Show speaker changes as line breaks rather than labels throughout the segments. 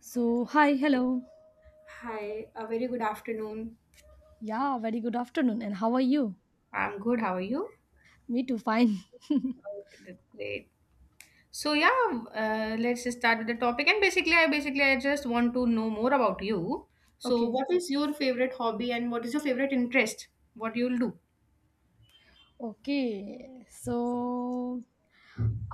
So, hi, hello.
Hi, a very good afternoon.
Yeah, very good afternoon. And how are you?
I'm good. How are you?
Me too, fine.
Okay, that's great. So let's just start with the topic. And basically I just want to know more about you. So,
Okay.
what is your favorite hobby and what is your favorite interest? What you'll do?
Okay. So,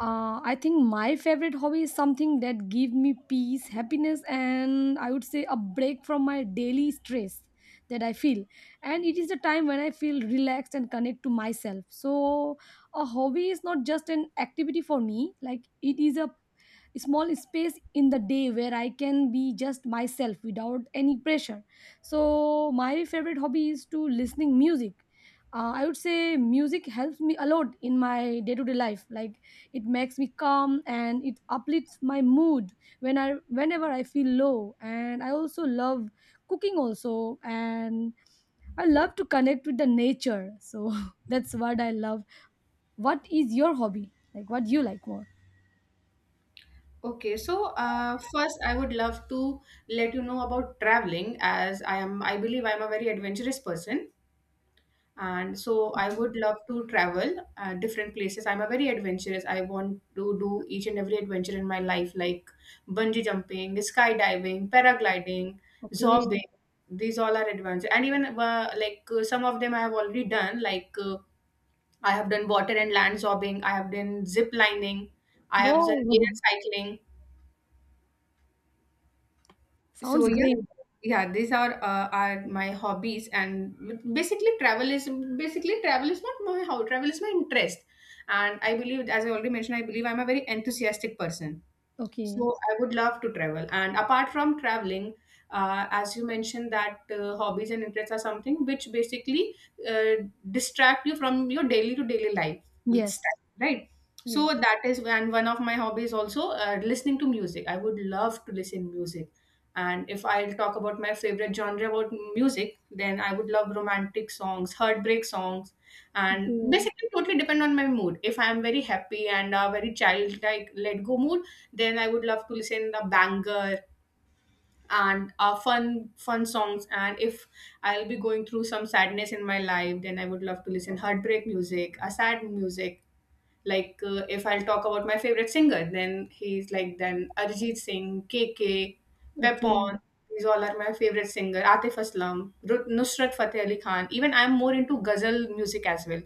I think my favorite hobby is something that give me peace, happiness, and I would say a break from my daily stress that I feel. And it is the time when I feel relaxed and connect to myself. So, a hobby is not just an activity for me; like it is a small space in the day where I can be just myself without any pressure. So my favorite hobby is to listening music. I would say music helps me a lot in my day to day life, like it makes me calm and it uplifts my mood whenever I feel low. And I also love cooking also. And I love to connect with the nature, so that's what I love. What is your hobby, like what do you like more?
Okay, first I would love to let you know about traveling as I am I believe I'm a very adventurous person. And so I would love to travel different places. I'm a very adventurous. I want to do each and every adventure in my life like bungee jumping, skydiving, paragliding,
Okay.
zorbing. These all are adventure. And even some of them I have already done, like I have done water and land zorbing, I have done zip lining, I have done air
Wow!
cycling. So
Sounds
yeah,
great.
yeah, these are my hobbies. And basically travel is not my how travel is my interest. And I believe, as I already mentioned, I'm a very enthusiastic person.
Okay.
So I would love to travel. And apart from traveling, as you mentioned that hobbies and interests are something which basically distract you from your daily to daily life
Yes.
style, right? So
Yes.
that is, and one of my hobbies also, listening to music. I would love to listen music. And if I'll talk about my favorite genre about music, then I would love romantic songs, heartbreak songs, and
Okay.
basically totally depend on my mood. If I am very happy and a very childlike, let go mood, then I would love to listen the banger and fun songs. And if I'll be going through some sadness in my life, then I would love to listen heartbreak music, a sad music. If I'll talk about my favorite singer, then he's like, then Arjit Singh, K K,
Okay.
Pepon, these all are my favorite singer. Atif Aslam, Nusrat Fateh Ali Khan. Even I'm more into ghazal music as well.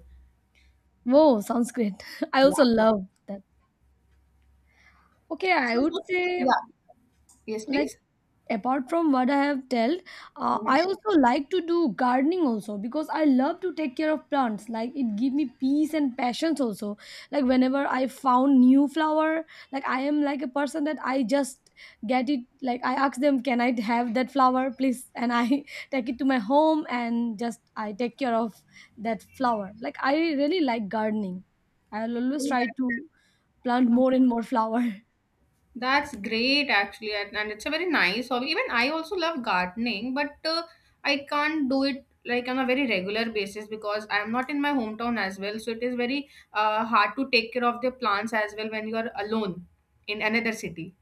Wow, sounds great. I also love that. Okay, I
So,
would
so- yeah,
say,
yes,
like
please.
apart from what I have told, I
Mhm.
also like to do gardening also, because I love to take care of plants, like it give me peace and passions also. Like whenever I found new flower, like I am like a person that I just get it, like I ask them, can I have that flower please, and I take it to my home and just I take care of that flower. Like I really like gardening. I'll always
Oh,
try
that-
to plant
uh,
more and more flower.
That's great, actually. And it's a very nice hobby. Even I also love gardening, but I can't do it like on a very regular basis because I am not in my hometown as well. So it is very hard to take care of the plants as well when you are alone in another city.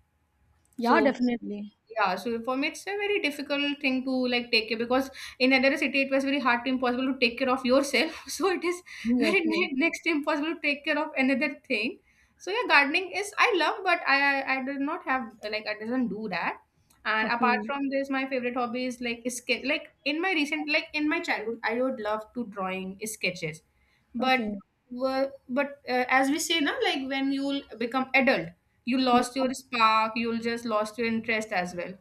Yeah,
So
definitely.
yeah, so for me it's a very difficult thing to like take care, because in another city it was very hard to impossible to take care of yourself. So it is
Yes,
very
yes.
next to impossible to take care of another thing. So yeah, gardening is I love, but I did not have, like I doesn't do that. And apart
Okay,
from this, my favorite hobby is like sketch. Like in my recent, like in my childhood, I would love to drawing sketches, but
okay.
as we say now, like when you'll become adult, you
Yes,
lost your spark, you'll just lost your interest as well.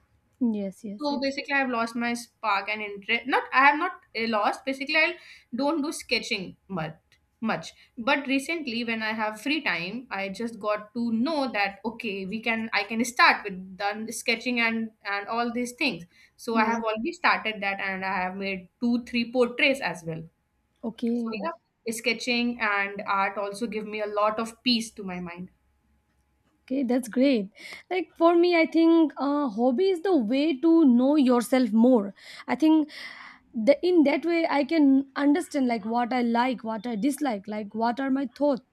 yes, yes,
So
yes.
basically I've lost my spark and interest. Not I have not lost, basically I don't do sketching much. But recently when I have free time, I just got to know that okay, we can I can start with done sketching and all these things. So I
Yes.
have already started that, and I have made two three portraits as well. So
Okay.
yeah, sketching and art also give me a lot of peace to my mind.
Okay, that's great. Like for me, I think hobby is the way to know yourself more. I think in that way I can understand like, what I dislike, like what are my thoughts.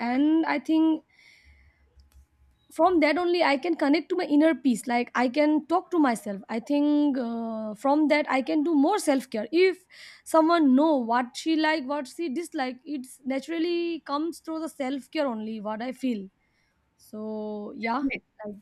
And I think from that only I can connect to my inner peace, like I can talk to myself. I think from that I can do more self care. If someone know what she like, what she dislike, it's naturally comes through the self care only, what I feel. So yeah,
Definitely.
like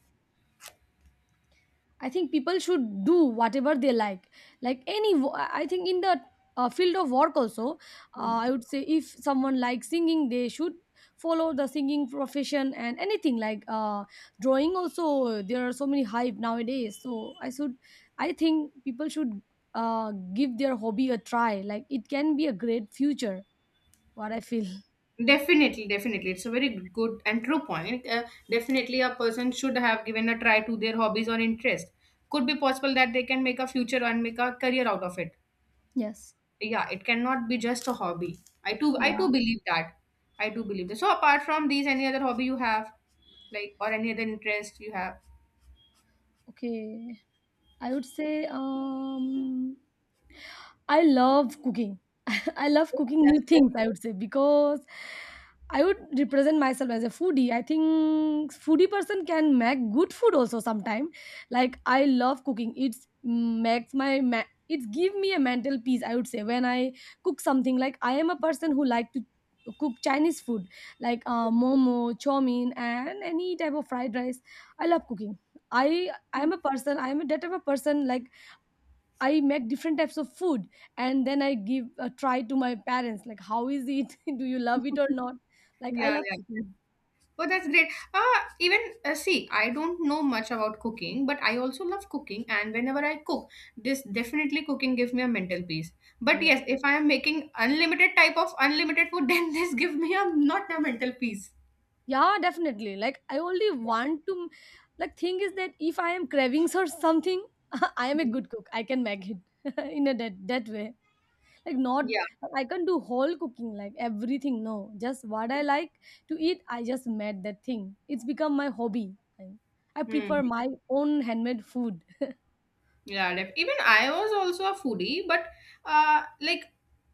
I think people should do whatever they like. Like any, I think in the field of work also, I would say if someone likes singing, they should follow the singing profession and anything like drawing. Also, there are so many hype nowadays. So I should, I think people should give their hobby a try. Like it can be a great future. What I feel.
Definitely, definitely. It's a very good and true point. Definitely, a person should have given a try to their hobbies or interest. Could be possible that they can make a future and make a career out of it.
Yes.
Yeah, it cannot be just a hobby. I too, I
Yeah.
too believe that. I do believe that. So, apart from these, any other hobby you have, like, or any other interest you have?
Okay. I would say I love cooking. I love
Oh,
cooking
that's
new things,
great.
I would say, because I would represent myself as a foodie. I think foodie person can make good food also sometime. Like I love cooking. It's makes my ma- it's give me a mental peace, I would say, when I cook something. Like I am a person who like to cook Chinese food, like momo, chow mein, and any type of fried rice. I love cooking. I am a person. I am a that type of person, like I make different types of food and then I give a try to my parents, like how is it, do you love it or not. Like I
Yeah,
love cooking.
oh, that's great. Even See, I don't know much about cooking, but I also love cooking. And whenever I cook, this definitely cooking gives me a mental peace. But
Yes.
yes, if I am making unlimited type of unlimited food, then this give me a not a mental peace.
Yeah, definitely. Like I only want to, like thing is that if I am cravings or something, I am a
Mhm.
good cook, I can make it in a that way, like not,
Yeah.
like, I can do whole cooking like everything, no, just what I like to eat I just made that thing. It's become my hobby. I, I
Hmm.
prefer my own handmade food.
Yeah. Even I was also a foodie, but uh, like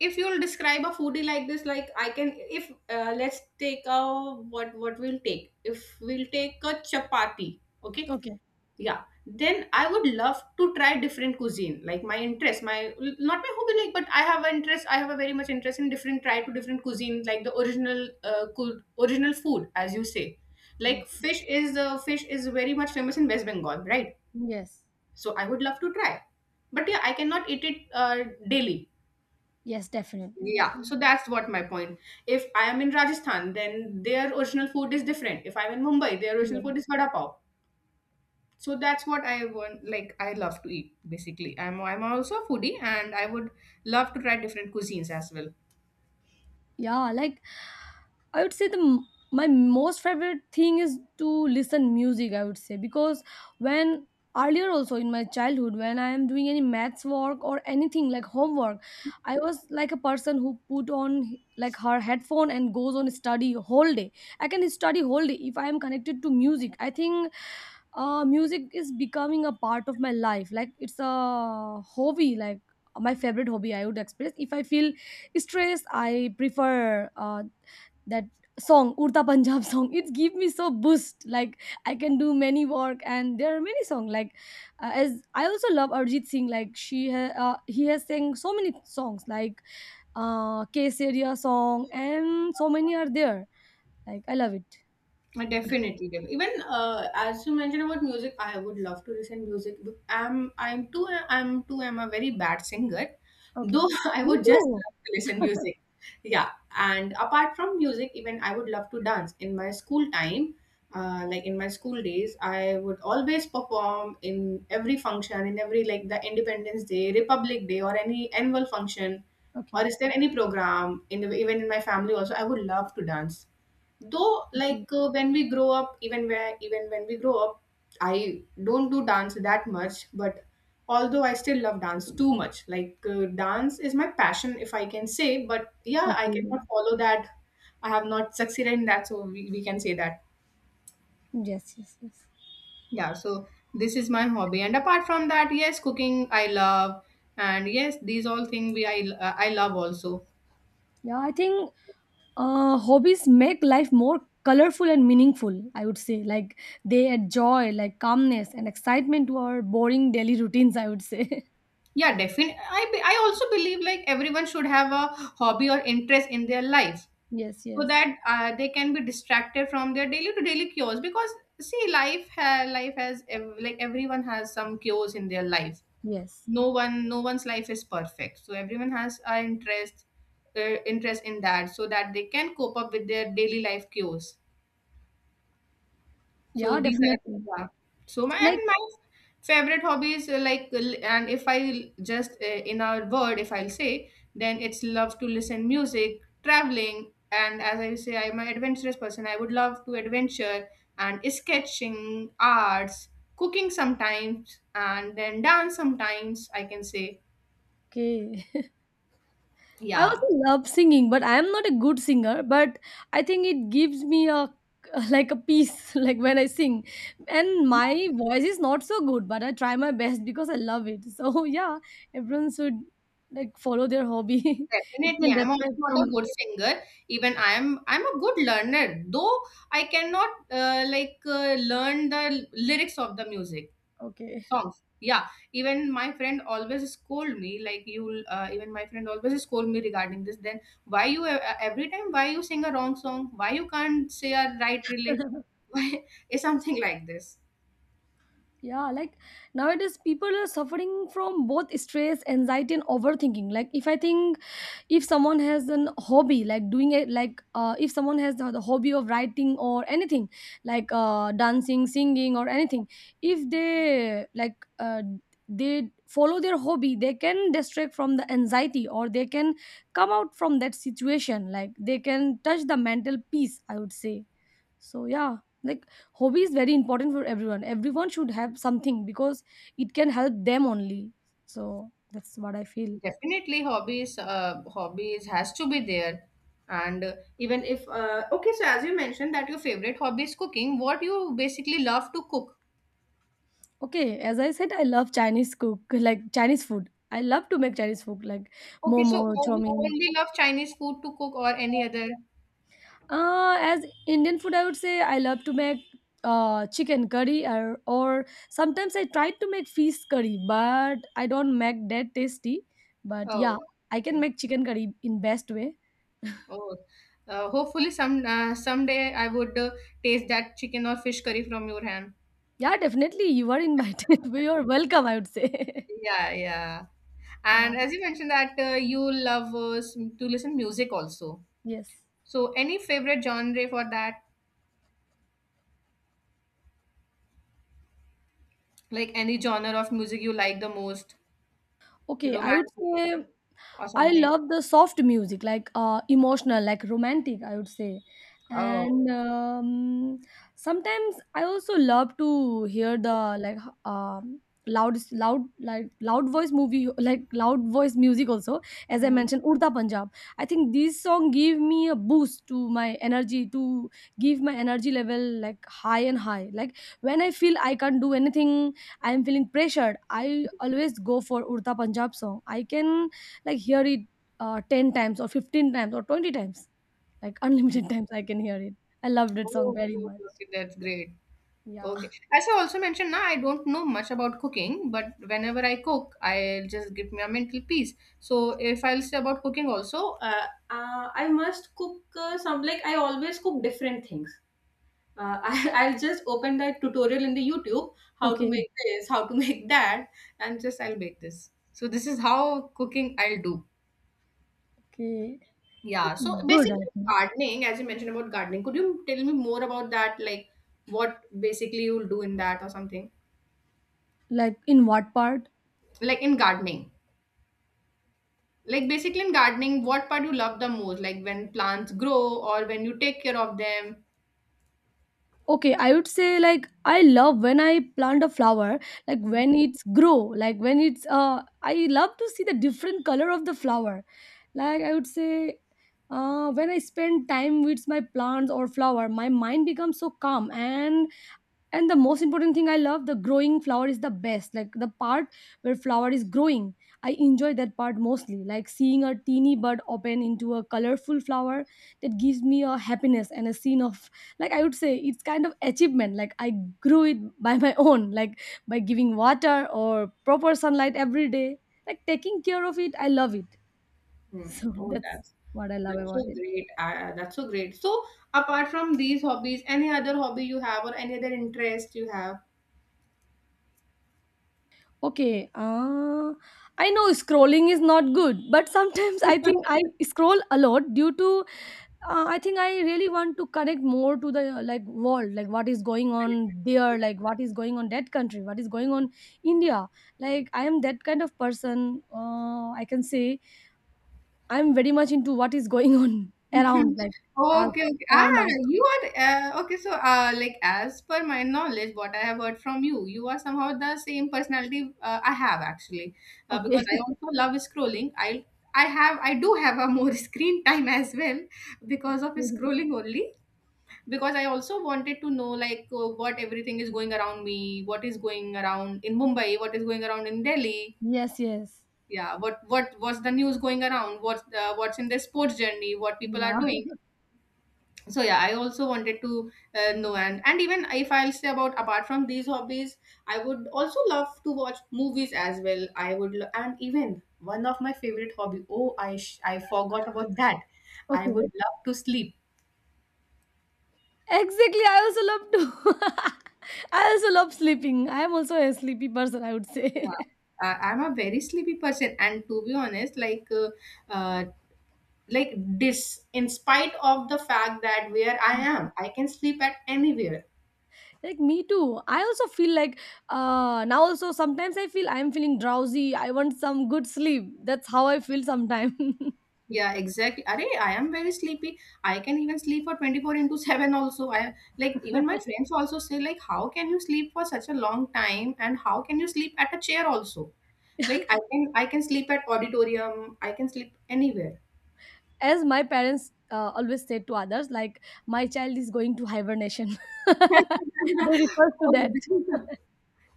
if you'll describe a foodie like this, like I can, if let's take a what we'll take. If we'll take a chapati, okay,
Okay.
yeah, then I would love to try different cuisine, like my interest, my not my hobby, like, but I have an interest, I have a very much interest in different, try to different cuisine, like the original original food, as you say. Like
Yes,
fish is very much famous in West Bengal, right?
yes.
So I would love to try, but yeah, I cannot eat it daily.
Yes, definitely,
Yeah,
definitely.
so that's what my point. If I am in Rajasthan, then their original food is different. If I'm in Mumbai, their
Yeah,
original food is vada pav. So that's what I want. Like I love to eat, basically I'm also a foodie, and I would love to try different cuisines as well.
yeah. Like I would say the m- my most favorite thing is to listen music. I would say, because when earlier also in my childhood when I am doing any maths work or anything like homework, I was like a person who put on h- like her headphone and goes on study whole day. I can study whole day if I am connected to music. I think music is becoming a part of my life, like it's a hobby. Like my favorite hobby, I would express, if I feel stressed I prefer that song Urta Punjab song, it give me so boost, like I can do many work. And there are many song like, as I also love Arjit Singh, like he has sang so many songs like Kesaria song and so many are there. Like I love it.
Definitely, def- even As you mentioned about music, I would love to listen music. I'm too I'm too I'm a very bad singer,
Okay.
though I
Me
would just
too.
love to listen music. Yeah, and apart from music, even I would love to dance. In my school time, in my school days, I would always perform in every function, in every like the Independence Day, Republic Day, or any annual function, or
Okay.
is there any program in the, even in my family also, I would love to dance. Though
Okay.
when we grow up, even where even when we grow up, I don't do dance that much. But although I still love dance too much, dance is my passion, if I can say. But yeah, I
Okay.
cannot follow that. I have not succeeded in that, so we can say that.
Yes, yes, yes.
Yeah, so this is my hobby. And apart from that, yes, cooking I love, and yes, these all things we I love also.
Yeah, I think hobbies make life more colorful and meaningful. I would say, like they add joy, like calmness and excitement to our boring daily routines. I would say.
Yeah, definitely, I also believe like everyone should have a hobby or interest in their life,
Yes,
so
yes,
that they can be distracted from their daily to daily chores, because see, life has like everyone has some chores in their life.
yes.
No one's life is perfect, so everyone has an uh, interest in that, so that they can cope up with their daily life chores.
Yeah,
So these are,
definitely.
yeah. So my
Like
and my favorite hobbies, and if I just in a word if I'll say, then it's love to listen music, traveling, and as I say, I'm an adventurous person. I would love to adventure and sketching, arts, cooking sometimes, and then dance sometimes, I can say.
okay. I
Yeah.
also love singing, but I am not a good singer. But I think it gives me a like a peace, like when I sing. And my voice is not so good, but I try my best because I love it. So yeah, everyone should like follow their hobby. It
Definitely,
can
I'm also
distract
not a
from
good singer. Even I'm a good learner, though I cannot learn the lyrics of the music
okay,
songs. Yeah, even my friend always scold me like you. Even my friend always scold me regarding this. Then why you every time why you sing a wrong song? Why you can't say a right lyric? Why, it's something like this.
yeah. Like nowadays, people are suffering from both stress, anxiety, and overthinking. Like if I think, if someone has an hobby like doing it, like if someone has the hobby of writing or anything like dancing, singing or anything, if they like they follow their hobby, they can distract from the anxiety or they can come out from that situation, like they can touch the mental peace, I would say. So yeah, like hobby is very important for everyone, everyone should have something, because it can help them only. So that's what I feel.
Definitely, hobbies has to be there. And even if, okay, so as you mentioned that your favorite hobby is cooking, what you basically love to cook?
Okay, as I said, I love Chinese cook, like Chinese food. I love to make Chinese food, like
Okay, so
momo,
oh,
chow
you
mein.
only love Chinese food to cook, or any other?
As Indian food, I would say I love to make chicken curry, or sometimes I try to make fish curry, but I don't make that tasty. But
Oh,
yeah, I can
okay.
make chicken curry in best way.
Oh, hopefully some someday I would taste that chicken or fish curry from your hand.
Yeah, definitely. You are invited. You are welcome, I would say.
Yeah, yeah.
Yeah.
And as you mentioned that you love to listen music also.
Yes.
So any favorite genre for that? Like any genre of music you like the most,
Okay, I would
romantic
say
or
I
something.
love the soft music, like emotional, like romantic, I would say.
Oh,
And sometimes I also love to hear the like loud, loud, like loud voice movie, like loud voice music. Also, as I
mhm.
mentioned, Urda Punjab. I think this song give me a boost to my energy, to give my energy level like high and high. Like when I feel I can't do anything, I am feeling pressured. I always go for Urda Punjab song. I can like hear it 10 times or 15 times or 20 times, like unlimited times I can hear it. I love that song
Oh,
very
okay, okay,
much.
okay, that's great.
Yeah.
Okay. As I also mentioned, now I don't know much about cooking, but whenever I cook, I'll just give me a mental peace. So if I'll say about cooking also, I must cook some, like I always cook different things. I'll just open that tutorial in the YouTube, how to
Okay.
make this, how to make that. And just I'll make this. So this is how cooking I'll do.
Okay.
Yeah,
It's
so
good, I
basically
think.
gardening, as you mentioned about gardening, could you tell me more about that? Like what basically you'll do in that or something?
Like in what part?
Like in gardening. Like basically in gardening, what part you love the most? Like when plants grow or when you take care of them.
Okay, I would say, like I love when I plant a flower, like when it's grow, like when it's uh, I love to see the different color of the flower. Like I would say, when I spend time with my plants or flower, my mind becomes so calm. And the most important thing, I love the growing flower is the best, like the part where flower is growing. I enjoy that part mostly, like seeing a teeny bud open into a colorful flower, that gives me a happiness and a scene of, like I would say, it's kind of achievement, like I grew it by my own, like by giving water or proper sunlight every day, like taking care of it. I love it.
Hmm.
So
Oh,
that's what I love
that's
about
so
it.
great. That's so great. So apart from these hobbies, any other hobby you have or any other interest you have?
Okay, I know scrolling is not good, but sometimes I think I scroll a lot due to I think I really want to connect more to the like world, like what is going on there, like what is going on that country, what is going on India. Like I am that kind of person. I can say I'm very much into what is going on
Mhm.
around, like us,
Okay, okay.
around
Ah,
us.
you are okay. So, like, as per my knowledge, what I have heard from you, you are somehow the same personality I have, actually,
Okay.
because I also love scrolling. I do have a more screen time as well, because of scrolling only. Because I also wanted to know, like, what everything is going around me, what is going around in Mumbai, what is going around in Delhi.
Yes. Yes.
Yeah, what was the news going around? What's in the sports journey? What people are
Yeah.
doing? So yeah, I also wanted to know, and even if I'll say, about apart from these hobbies, I would also love to watch movies as well. And even, one of my favorite hobby, oh, I forgot about that. I
Okay.
would love to sleep.
Exactly. I also love to. I also love sleeping. I am also a sleepy person, I would say.
Yeah. I'm a very sleepy person, and to be honest, like, uh, like, this, in spite of the fact that where I am, I can sleep at anywhere.
Like me too. I also feel like now also sometimes I feel I'm feeling drowsy. I want some good sleep. That's how I feel sometimes.
Yeah, exactly. Arey, I am very sleepy. I can even sleep for 24 into 7 also. I, like, even my friends also say, like, how can you sleep for such a long time, and how can you sleep at a chair also? Like, I can sleep at auditorium, I can sleep anywhere.
As my parents always say to others, like my child is going to hibernation. They refer to that.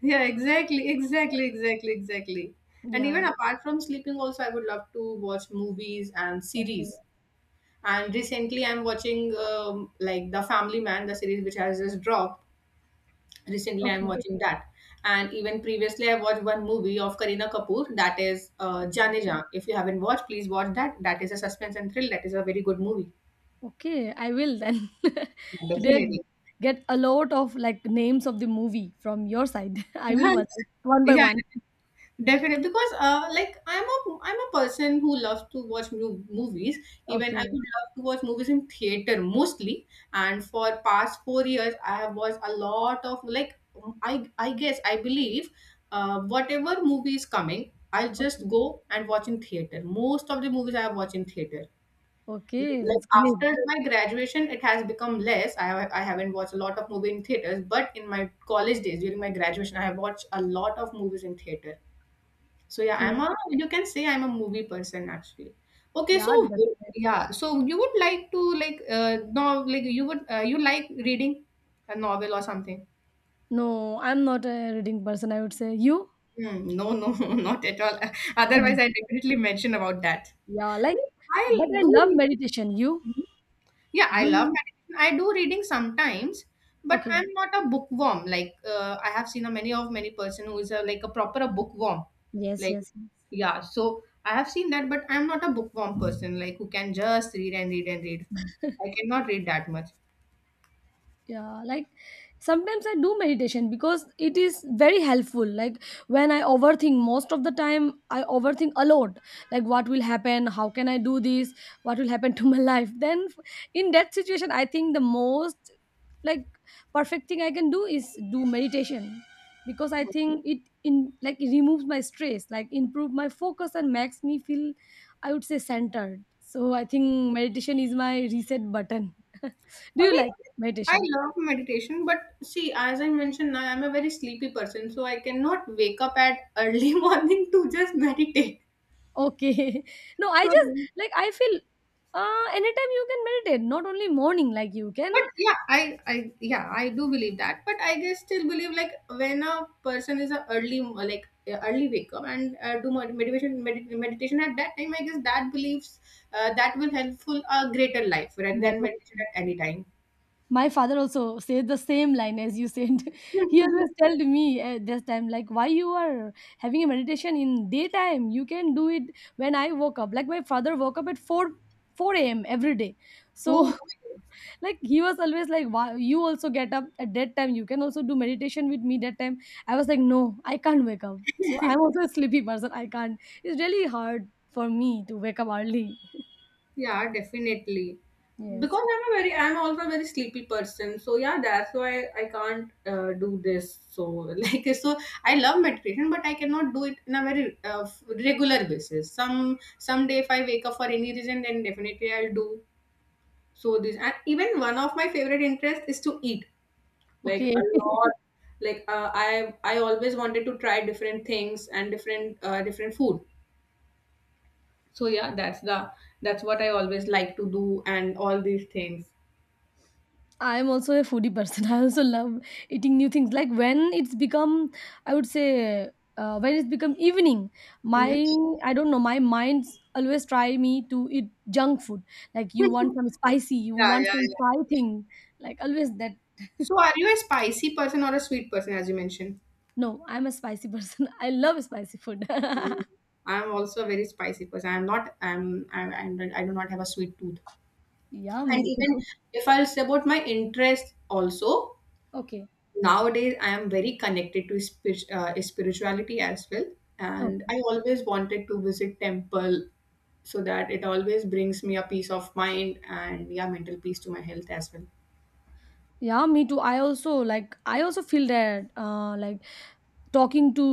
Yeah, exactly, exactly, exactly, exactly. And
Yeah.
even apart from sleeping also, I would love to watch movies and
Okay.
series. And recently I'm watching like, The Family Man, the series which has just dropped. Recently, I'm
Okay.
watching that. And even previously, I watched one movie of Kareena Kapoor, that is
Okay.
Jaane Jhaan. If you haven't watched, please watch that. That is a suspense and thrill. That is a very good movie.
Okay, I will then. Today I
Definitely.
get a lot of like names of the movie from your side. I will watch it one by
Yeah,
one.
definitely, because like, I'm a person who loves to watch movies. Even I
Okay.
would love to watch movies in theater mostly. And for past 4 years, I have watched a lot of, like, I guess, I believe, whatever movie is coming, I'll
Okay.
just go and watch in theater. Most of the movies I have watched in theater.
Okay, that's
Like,
great.
after my graduation, it has become less. I haven't watched a lot of movie in theaters, but in my college days during my graduation, I have watched a lot of movies in theater. So yeah, I'm
Okay.
a you can say I'm a movie person actually. Okay,
Yeah,
so
that's great.
yeah, so you would like to, like, no, like, you would, you like reading a novel or something?
No, I'm not a reading person, I would say. You?
Hmm, no, no, not at all.
Okay.
Otherwise, I definitely mention about that.
Yeah, like
I
but I
do.
love
read-
meditation. You?
Yeah, I
Do
love
you?
meditation. I do reading sometimes, but
Okay.
I'm not a bookworm. Like, I have seen a many of many person who is a, like, a proper a bookworm.
Yes,
Like,
yes.
yeah, so I have seen that, but I'm not a bookworm person. Like, who can just read and read and read. I cannot read that much.
Yeah, like sometimes I do meditation because it is very helpful, like when I overthink most of the time. I overthink a lot, like what will happen, how can I do this, what will happen to my life then. In that situation I think the most, like, perfect thing I can do is do meditation, because I think it in, like, it removes my stress, like improve my focus and makes me feel, I would say, centered. So I think meditation is my reset button. Do
I
you like
like I
meditation?
love meditation, but see, as I mentioned, now I'm a very sleepy person, so I cannot wake up at early morning to just meditate.
Okay. No, I just
So,
like I feel anytime you can meditate, not only morning, like you can.
but yeah, I yeah, I do believe that, but I guess still believe, like, when a person is a early, like, a early wake up and do meditation at that time, I guess, that believes that will helpful a greater life, rather
Yeah,
than
but
meditation at any time.
my father also said the same line as you said. He always told me at this time, like, why you are having a meditation in daytime? You can do it when I woke up. Like my father woke up at four AM every day. So
oh
like he was always like, wow, you also get up at that time, you can also do meditation with me that time. I was like, no, I can't wake up, so I'm also a sleepy person, I can't, it's really hard for me to wake up early.
Yeah, definitely.
Yes.
Because I'm also a very sleepy person. So yeah, that's why I can't do this. So, like, so I love meditation, but I cannot do it in a very regular basis. Someday, if I wake up for any reason, then definitely I'll do. So this, and even one of my favorite interests is to eat. Like,
Okay.
a lot. Like, I always wanted to try different things and different food. So yeah, that's what I always like to do and all these things.
I'm also a foodie person. I also love eating new things, like when it's become, I would say, when it's become evening, my,
Mhm.
I don't know, my mind's always try me to eat junk food, like you want some spicy, you
Yeah,
want
yeah,
some
yeah.
fry thing, like always that.
So, are you a spicy person or a sweet person, as you mentioned?
No, I'm a spicy person. I love spicy food.
Mm. I'm also a very spicy person. I'm not. I do not have a sweet tooth.
Yeah,
And
me
even
too.
if I'll say about my interest, also,
Okay.
nowadays I am very connected to spirituality as well.
Oh,
And I always wanted to visit temple, so that it always brings me a peace of mind, and yeah, mental peace to my health as well.
yeah, me too. I also feel that like talking to,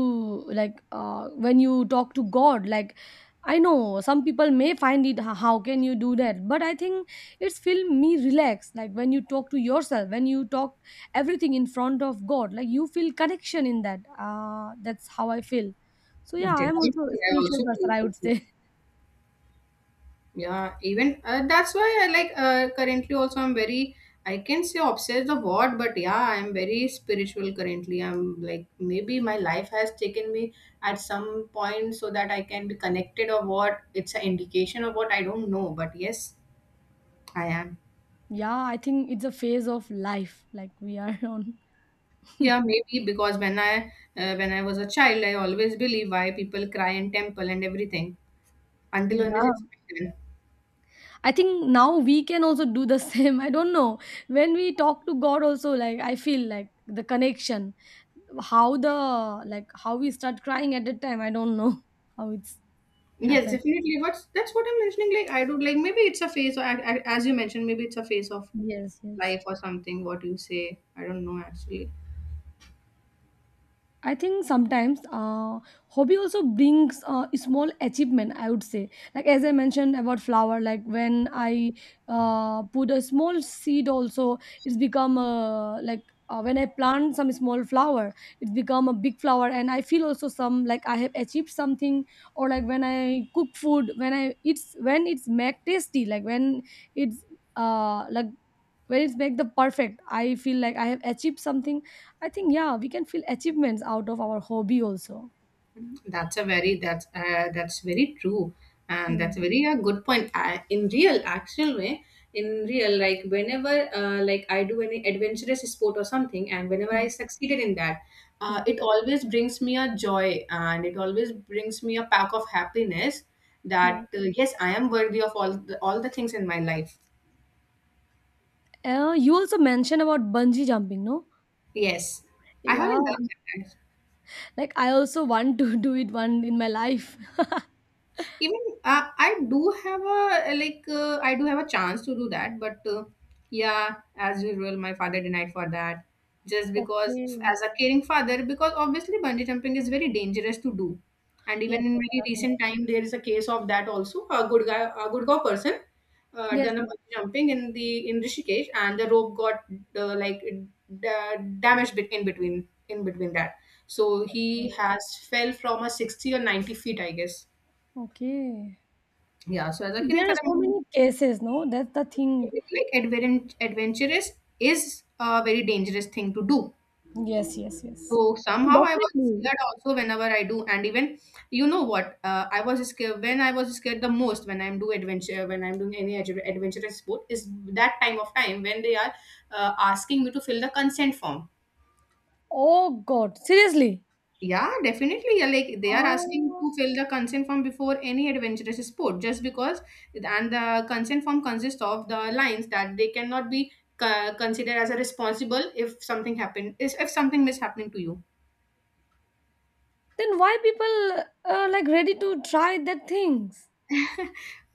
like when you talk to God, like I know some people may find it, "How can you do that?" But I think it's feel me relaxed. Like when you talk to yourself, when you talk everything in front of God, like you feel connection in that. That's how I feel. So yeah, I am
Definitely,
also a
I
spiritual
also
person,
believe
I would
this.
say.
Yeah, even that's why I, like, currently also I'm very, I can say, obsessed of what, but yeah, I'm very spiritual currently. I'm, like, maybe my life has taken me at some point, so that I can be connected or what. It's an indication of what, I don't know, but yes, I am.
Yeah, I think it's a phase of life like we are on.
Yeah, maybe, because when I was a child, I always believe why people cry in temple and everything, until unless
Yeah.
it's written.
I think now we can also do the same. I don't know. When we talk to God also, like I feel like the connection, how the like how we start crying at that time, I don't know how it's
Yes,
happened.
definitely. What's that's what I'm mentioning. Like, I do, like, maybe it's a phase, or as you mentioned, maybe it's a phase of
Yes, yes.
life or something. What you say, I don't know actually.
I think sometimes hobby also brings a small achievement, I would say, like as I mentioned about flower, like when I put a small seed, also it's become a like when I plant some small flower, it's become a big flower, and I feel also, some like I have achieved something. Or like when I cook food, when I it's when it's make tasty, like it's uh like when it's make the perfect, I feel like I have achieved something. I think, yeah, we can feel achievements out of our hobby also.
That's a very, that's very true, and
Yeah,
that's a good point. I, in real, like, whenever like, I do any adventurous sport or something, and whenever
yeah,
I succeeded in that,
yeah,
it always brings me a joy, and it always brings me a pack of happiness.
yeah.
That, yes, I am worthy of all the, things in my life.
You also mentioned about bungee jumping, no?
Yes, I
Yeah,
haven't done that.
like I also want to do it one in my life.
Even
Yeah.
I do have a chance to do that, but yeah, as usual, my father denied for that, just because,
Okay.
as a caring father, because obviously bungee jumping is very dangerous to do. And
Yes,
even in
yes,
very
definitely.
recent time, there is a case of that also. A good guy person
Yes,
done a
yes.
bungee jumping in Rishikesh, and the rope got like, da- damaged, in between that. So
Mm.
he has fell from a 60 or 90 feet, I guess.
Okay.
Yeah, so as a kid,
There are
like,
so many cases, no? That's the thing.
adventurous is a very dangerous thing to do.
Yes, yes, yes.
So, somehow I was
Definitely.
scared also whenever I do, and even you know what, I was scared when I was scared the most, when I'm doing any adventurous sport, is that time when they are asking me to fill the consent form.
Oh God, seriously?
Yeah, definitely. Yeah, like, they are asking
Oh,
to fill the consent form before any adventurous sport, just because, and the consent form consists of the lines that they cannot be considered as a responsible if something happened, if something mishappening to you.
then why people like ready to try that things?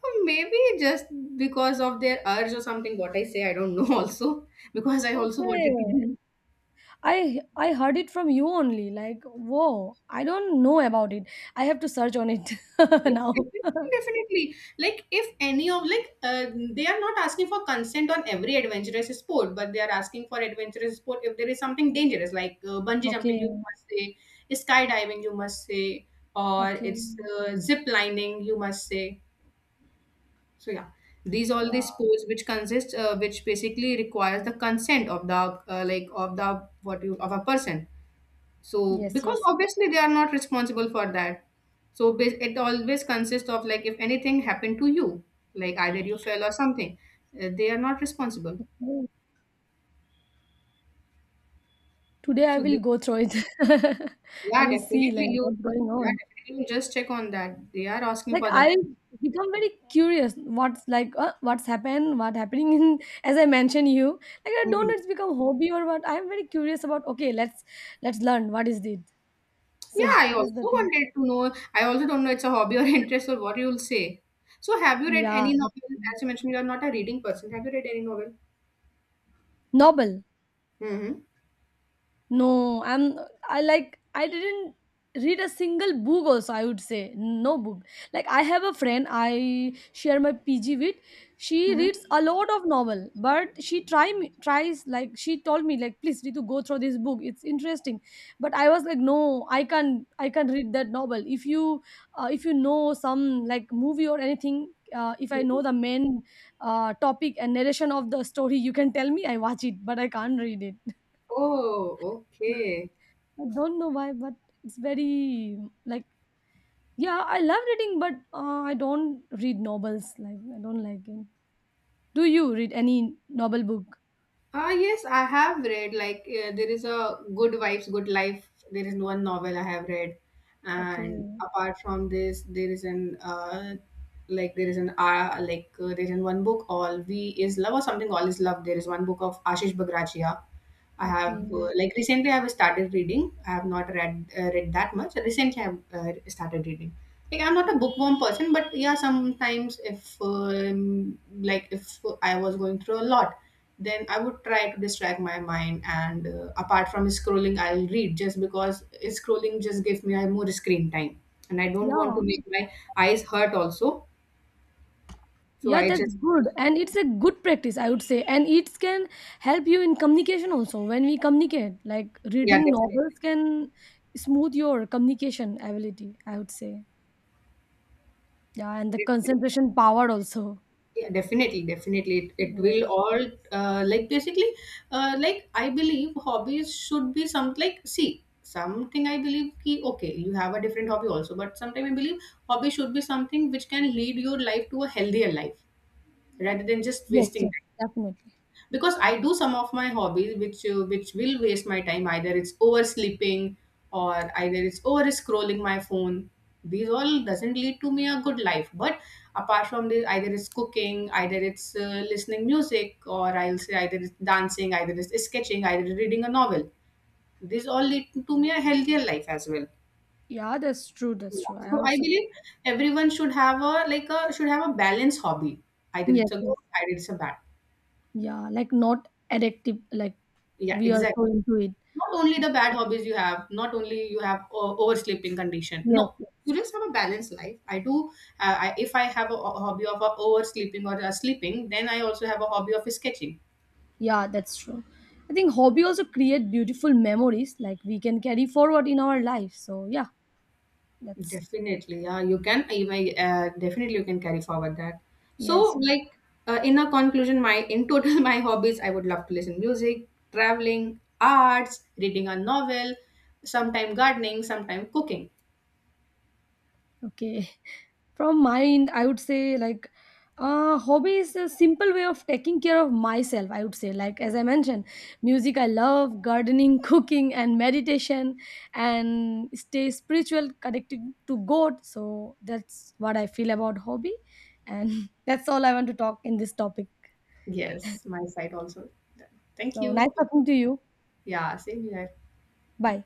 Well, maybe just because of their urge or something. What I say, I don't know. Also, because I also
Okay.
wanted to do.
I heard it from you only. Like, whoa, I don't know about it. I have to search on it
Yeah,
now.
definitely, definitely. Like, if any of, like, they are not asking for consent on every adventurous sport, but they are asking for adventurous sport if there is something dangerous, like, bungee jumping,
Okay,
you must say, skydiving, you must say, or
okay,
it's zip lining, you must say. So yeah, these all
yeah,
these sports, which consist which basically requires the consent of the like of the what you of a person, so,
yes,
because
yes.
obviously they are not responsible for that. So, it always consists of, like, if anything happened to you, like, either you fell or something, they are not responsible.
Oh, today I
So,
will
they,
go through it. I
yeah,
will see like
definitely you,
what's going
yeah,
on.
definitely you just check on that. They are asking
Like
for the
I
account.
become very curious. What's like what's happened? What happening in, as I mentioned you. Like I don't know
Mhm.
it's become hobby or what. I'm very curious about. Okay, let's learn what is it. So
Yeah, I also
that's the thing.
wanted to know. I also don't know, it's a hobby or interest or what you'll say. So, have you read
Yeah,
any novel? As you mentioned, you are not a reading person. Have you read any novel?
novel.
Mm-hmm.
No, I like I didn't read a single book also, I would say, no book. Like I have a friend I share my PG with. She
Mm-hmm.
reads a lot of novel, but she try me tries like, she told me like, please Ritu go through this book. It's interesting. But I was like, no, I can't read that novel. If you know some like movie or anything, if I know the main topic and narration of the story, you can tell me. I watch it, but I can't read it.
Oh, okay.
I don't know why, but it's very like, yeah, I love reading, but I don't read novels. Like I don't like it. Do you read any novel book?
Ah, yes, I have read, like, there is a Good Wives, Good Life. There is one novel I have read, and
Okay,
apart from this, there is an, like, there is an like, there is an one book, All We Is Love or something, All Is Love. There is one book of Ashish Bagrachia. I have,
okay,
like, recently I have started reading. I have not read that much. Recently I have started reading. Like, I'm not a bookworm person, but yeah, sometimes, if like, if I was going through a lot, then I would try to distract my mind, and apart from scrolling, I'll read, just because scrolling just gives me a more screen time, and I don't want
yeah,
to make my eyes hurt also, so
yeah,
I
that's
just,
good, and it's a good practice, I would say, and it can help you in communication also. When we communicate, like
yeah,
reading
definitely,
novels can smooth your communication ability, I would say. Yeah, and the concentration power also.
yeah, definitely, it will
Yeah.
all, like, basically, like, I believe hobbies should be some, like, see, something, I believe ki, okay, you have a different hobby also, but sometimes I believe hobby should be something which can lead your life to a healthier life, rather than just
Yes,
wasting,
yes, definitely.
because I do some of my hobbies which, which will waste my time. Either it's oversleeping, or either it's over scrolling my phone. These all doesn't lead to me a good life. But apart from this, either it's cooking, either it's listening music, or I'll say either it's dancing, either it's sketching, either it's reading a novel. These all lead to me a healthier life as well.
Yeah, that's true. That's
Yeah.
true. I
So I
also.
believe everyone should have a, like, a, should have a balanced hobby. Either
Yes,
it's a
yes.
good, either it's a bad.
Yeah, like not addictive, like
Yeah,
we are
exactly.
so into it.
Not only the bad hobbies you have, not only you have oversleeping condition, no,
Yes, yes.
you just have a balanced life. I do, I, if I have a hobby of oversleeping or sleeping, then I also have a hobby of sketching.
Yeah, that's true. I think hobby also create beautiful memories like we can carry forward in our life. So yeah, that's.
Definitely, yeah, you can, even, definitely you can carry forward that. So,
Yes.
like, in a conclusion, my in total, my hobbies, I would love to listen music, traveling, arts, reading a novel, sometime gardening, sometime cooking.
Okay. From my end, I would say, like hobby is a simple way of taking care of myself, I would say, like as I mentioned, music I love, gardening, cooking, and meditation, and stay spiritual, connected to God. So that's what I feel about hobby, and that's all I want to talk in this topic.
Yes, my side also, thank
So
you.
nice talking to you.
Yeah, same here.
Bye.